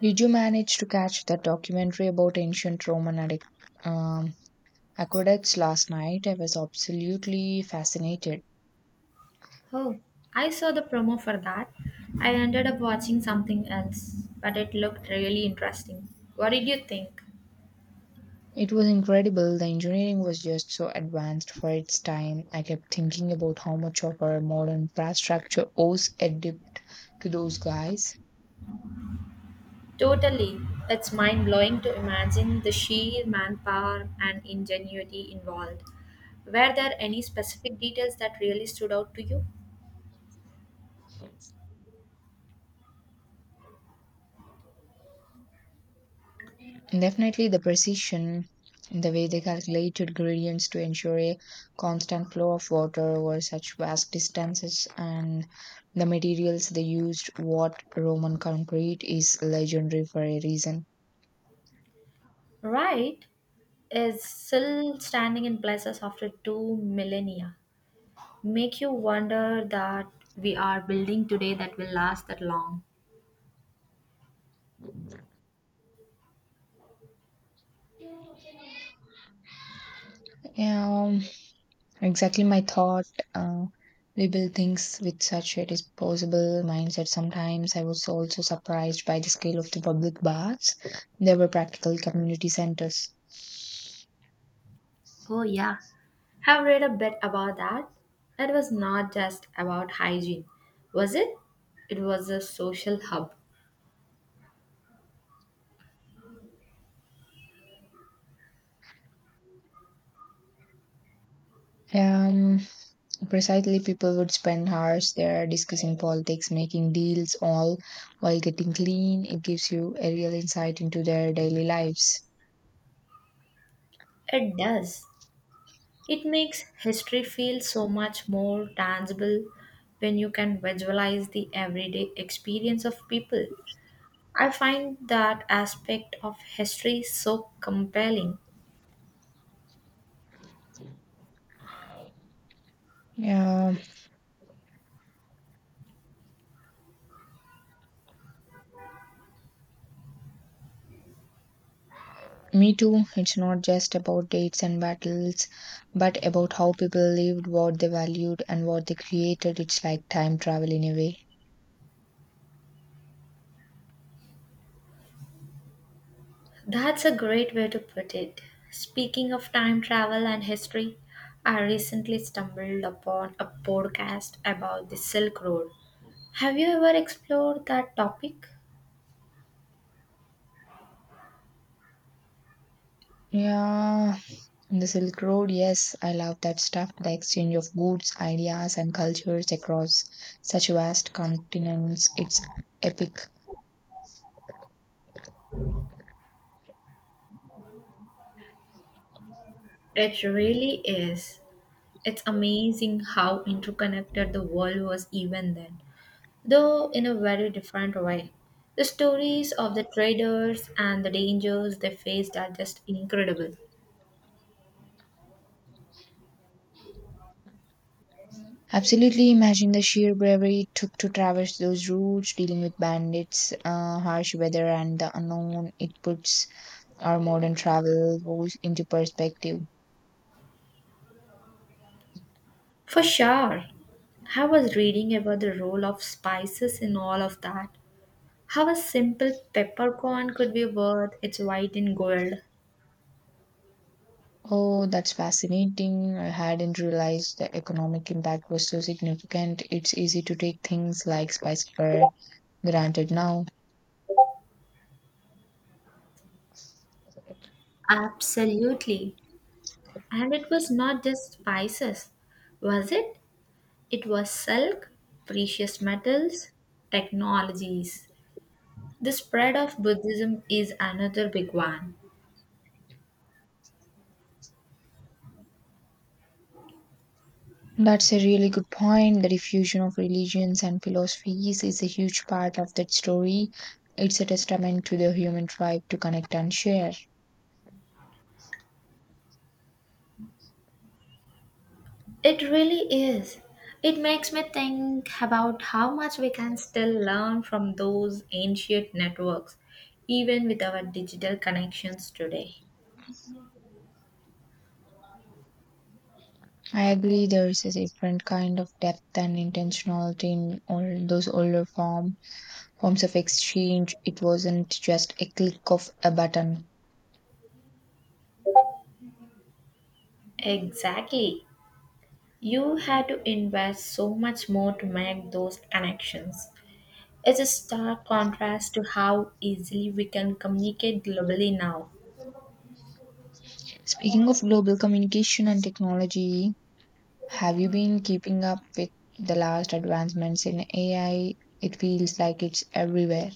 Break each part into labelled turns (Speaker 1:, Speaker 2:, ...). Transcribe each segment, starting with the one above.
Speaker 1: Did you manage to catch that documentary about ancient Roman um, aqueducts last night? I was absolutely fascinated.
Speaker 2: Oh, I saw the promo for that. I ended up watching something else, but it looked really interesting. What did you think?
Speaker 1: It was incredible. The engineering was just so advanced for its time. I kept thinking about how much of our modern infrastructure owes a debt to those guys.
Speaker 2: Totally. It's mind blowing to imagine the sheer manpower and ingenuity involved. Were there any specific details that really stood out to you?
Speaker 1: Definitely the precision, the way they calculated gradients to ensure a constant flow of water over such vast distances, and the materials they used, what Roman concrete is legendary for a reason.
Speaker 2: Right is still standing in places after 2 millennia. Make you wonder that we are building today that will last that long.
Speaker 1: Yeah, exactly my thought. Uh, they build things with such a disposable mindset. Sometimes I was also surprised by the scale of the public baths. They were practical community centers.
Speaker 2: Oh, yeah. Have read a bit about that. It was not just about hygiene, was it? It was a social hub.
Speaker 1: Yeah, precisely, people would spend hours there discussing politics, making deals, all while getting clean. It gives you a real insight into their daily lives.
Speaker 2: It does. It makes history feel so much more tangible when you can visualize the everyday experience of people. I find that aspect of history so compelling.
Speaker 1: Yeah, me too. It's not just about dates and battles, but about how people lived, what they valued, and what they created. It's like time travel in a way.
Speaker 2: That's a great way to put it. Speaking of time travel and history, I recently stumbled upon a podcast about the Silk Road. Have you ever explored that topic?
Speaker 1: Yeah, the Silk Road, yes, I love that stuff. The exchange of goods, ideas, and cultures across such vast continents. It's epic.
Speaker 2: It really is. It's amazing how interconnected the world was even then, though in a very different way. The stories of the traders and the dangers they faced are just incredible.
Speaker 1: Absolutely, imagine the sheer bravery it took to traverse those routes, dealing with bandits, harsh weather, and the unknown. It puts our modern travel goals into perspective.
Speaker 2: For sure. I was reading about the role of spices in all of that. How a simple peppercorn could be worth its weight in gold.
Speaker 1: Oh, that's fascinating. I hadn't realized the economic impact was so significant. It's easy to take things like spice for granted now.
Speaker 2: Absolutely. And it was not just spices, was it? It was silk, precious metals, technologies. The spread of Buddhism is another big one.
Speaker 1: That's a really good point. The diffusion of religions and philosophies is a huge part of that story. It's a testament to the human drive to connect and share.
Speaker 2: It really is. It makes me think about how much we can still learn from those ancient networks, even with our digital connections today.
Speaker 1: I agree, there is a different kind of depth and intentionality in all those older forms of exchange. It wasn't just a click of a button.
Speaker 2: Exactly. You had to invest so much more to make those connections. It's a stark contrast to how easily we can communicate globally now.
Speaker 1: Speaking of global communication and technology, have you been keeping up with the last advancements in AI? It feels like it's everywhere.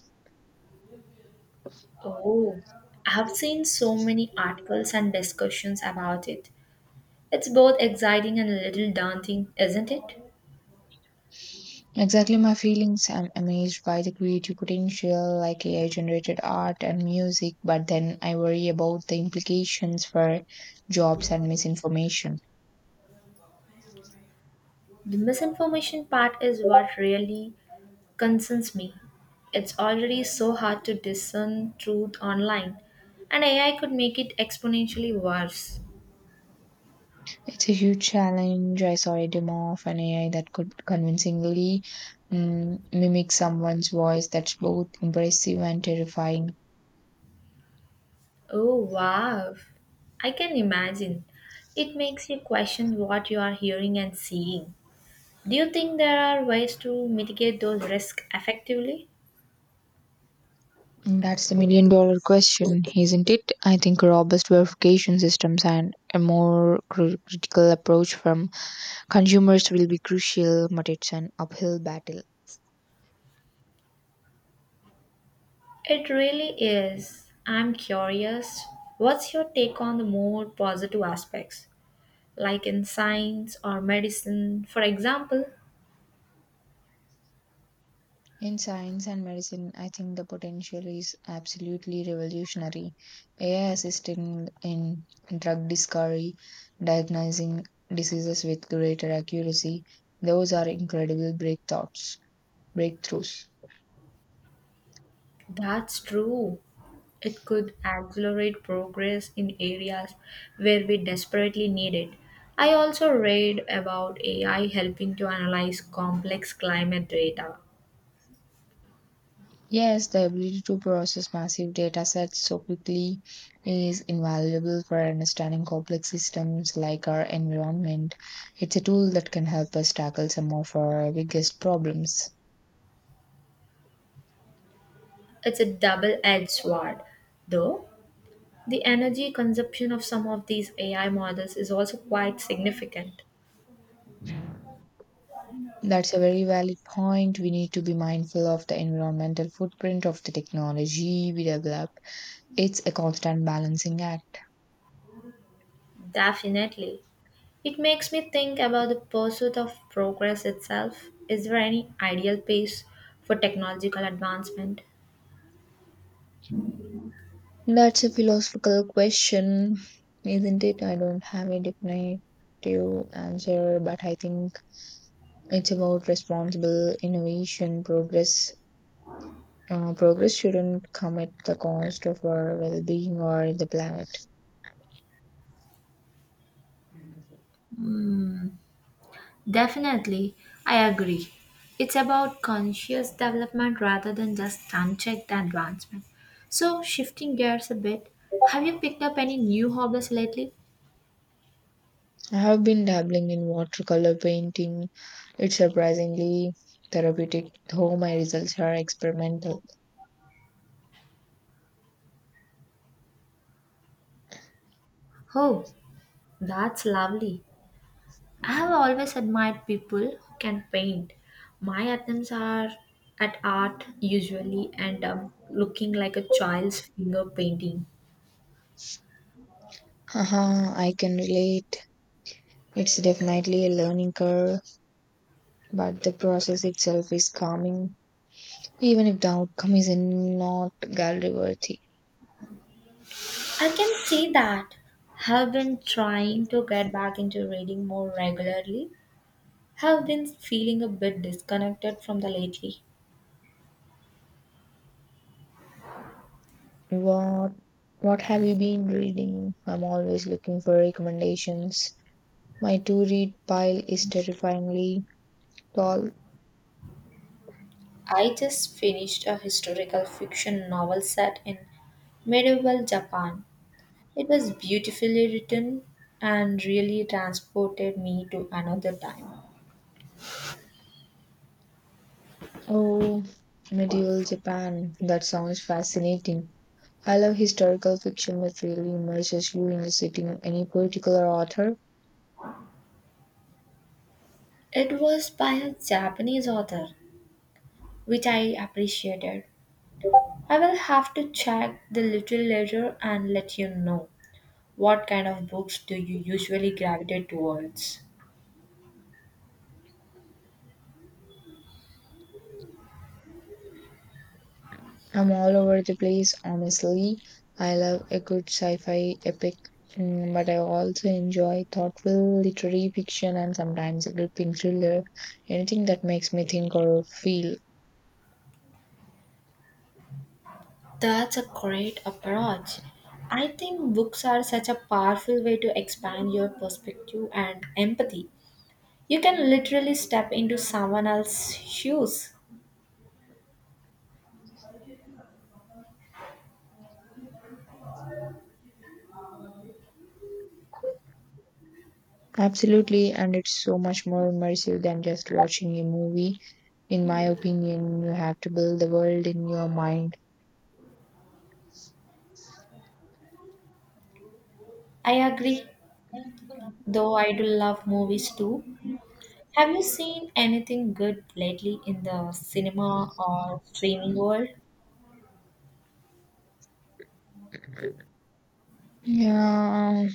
Speaker 2: Oh, I've seen so many articles and discussions about it. It's both exciting and a little daunting, isn't it?
Speaker 1: Exactly my feelings. I'm amazed by the creative potential, like AI generated art and music, but then I worry about the implications for jobs and misinformation.
Speaker 2: The misinformation part is what really concerns me. It's already so hard to discern truth online, and AI could make it exponentially worse.
Speaker 1: It's a huge challenge. I saw a demo of an AI that could convincingly mimic someone's voice. That's both impressive and terrifying.
Speaker 2: Oh, wow. I can imagine. It makes you question what you are hearing and seeing. Do you think there are ways to mitigate those risks effectively?
Speaker 1: And That's the million dollar question, isn't it? I think robust verification systems and a more critical approach from consumers will be crucial, but it's an uphill battle.
Speaker 2: It really is. I'm curious. What's your take on the more positive aspects, like in science or medicine, for example?
Speaker 1: In science and medicine, I think the potential is absolutely revolutionary. AI assisting in drug discovery, diagnosing diseases with greater accuracy, those are incredible breakthroughs.
Speaker 2: That's true. It could accelerate progress in areas where we desperately need it. I also read about AI helping to analyze complex climate data.
Speaker 1: Yes, the ability to process massive data sets so quickly is invaluable for understanding complex systems like our environment. It's a tool that can help us tackle some of our biggest problems.
Speaker 2: It's a double edged sword, though. The energy consumption of some of these AI models is also quite significant.
Speaker 1: That's a very valid point. We need to be mindful of the environmental footprint of the technology we develop. It's a constant balancing act.
Speaker 2: Definitely. It makes me think about the pursuit of progress itself. Is there any ideal pace for technological advancement?
Speaker 1: That's a philosophical question, isn't it? I don't have a definitive answer, but I think it's about responsible innovation. Progress shouldn't come at the cost of our well-being or the planet.
Speaker 2: Mm, definitely, I agree. It's about conscious development rather than just unchecked advancement. So, shifting gears a bit, have you picked up any new hobbies lately?
Speaker 1: I have been dabbling in watercolor painting. It's surprisingly therapeutic, though my results are experimental.
Speaker 2: Oh, that's lovely. I have always admired people who can paint. My attempts are at art usually and up looking like a child's finger painting.
Speaker 1: Haha, I can relate. It's definitely a learning curve, but the process itself is calming, even if the outcome is not gallery worthy.
Speaker 2: I can see that. Have been trying to get back into reading more regularly. Have been feeling a bit disconnected from the lately.
Speaker 1: What what have you been reading? I'm always looking for recommendations. My to read pile is terrifyingly tall.
Speaker 2: I just finished a historical fiction novel set in medieval Japan. It was beautifully written and really transported me to another time.
Speaker 1: Oh, medieval Japan. That sounds fascinating. I love historical fiction that really immerses you in a setting. Any particular author?
Speaker 2: It was by a Japanese author, which I appreciated. I will have to check the little later and let you know. What kind of books do you usually gravitate towards?
Speaker 1: I'm all over the place, honestly. I love a good sci-fi epic, but I also enjoy thoughtful literary fiction and sometimes a gripping thriller. Anything that makes me think or feel.
Speaker 2: That's a great approach. I think books are such a powerful way to expand your perspective and empathy. You can literally step into someone else's shoes.
Speaker 1: Absolutely, and it's so much more immersive than just watching a movie. In my opinion, you have to build the world in your mind.
Speaker 2: I agree, though I do love movies too. Have you seen anything good lately in the cinema or streaming world?
Speaker 1: Yeah,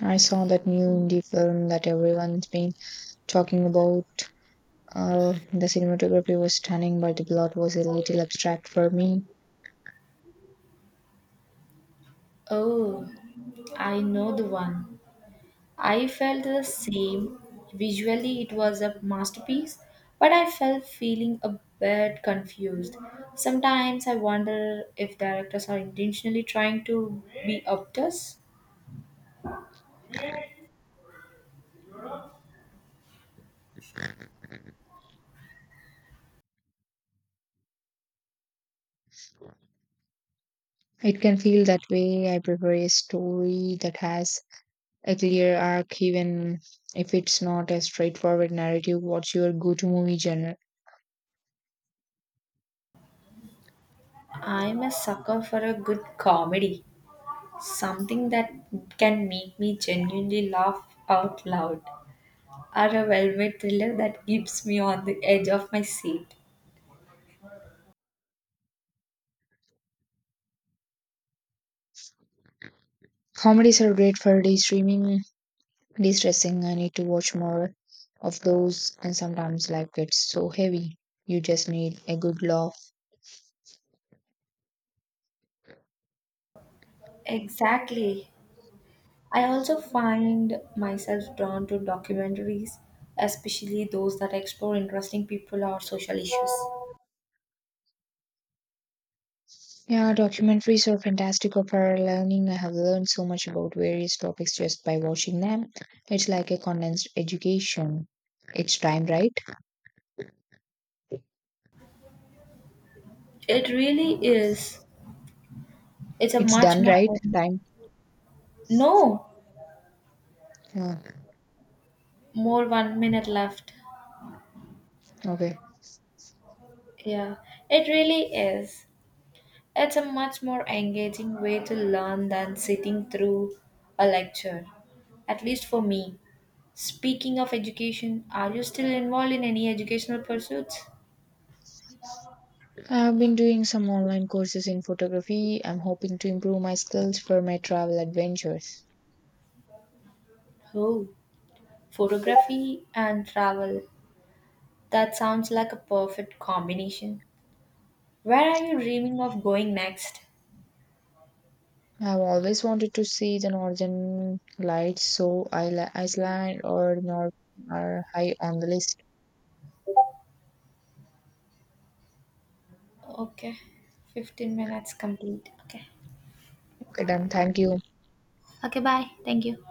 Speaker 1: I saw that new indie film that everyone's been talking about. The cinematography was stunning, but the plot was a little abstract for me.
Speaker 2: Oh, I know the one. I felt the same. Visually, it was a masterpiece, but I felt feeling a bit confused. Sometimes I wonder if directors are intentionally trying to be obtuse.
Speaker 1: It can feel that way. I prefer a story that has a clear arc, even if it's not a straightforward narrative. What's your go-to movie genre?
Speaker 2: I'm a sucker for a good comedy, something that can make me genuinely laugh out loud, or a well-made thriller that keeps me on the edge of my seat.
Speaker 1: Comedies are great for de-stressing. I need to watch more of those, and sometimes life gets so heavy. You just need a good laugh.
Speaker 2: Exactly. I also find myself drawn to documentaries, especially those that explore interesting people or social issues.
Speaker 1: Yeah, documentaries are fantastic for learning. I have learned so much about various topics just by watching them. It's like a condensed education. It's time, right?
Speaker 2: It really is. It's a
Speaker 1: It's
Speaker 2: much
Speaker 1: done,
Speaker 2: more.
Speaker 1: right? Time.
Speaker 2: No,
Speaker 1: Yeah.
Speaker 2: more one minute left.
Speaker 1: Okay.
Speaker 2: Yeah, it really is. It's a much more engaging way to learn than sitting through a lecture, at least for me. Speaking of education, are you still involved in any educational pursuits?
Speaker 1: I've been doing some online courses in photography. I'm hoping to improve my skills for my travel adventures.
Speaker 2: Oh, photography and travel. That sounds like a perfect combination. Where are you dreaming of going next?
Speaker 1: I've always wanted to see the northern lights, so Iceland or Norway are high on the list.
Speaker 2: Okay, 15 minutes complete. Okay.
Speaker 1: Okay, done. Thank you.
Speaker 2: Okay, bye. Thank you.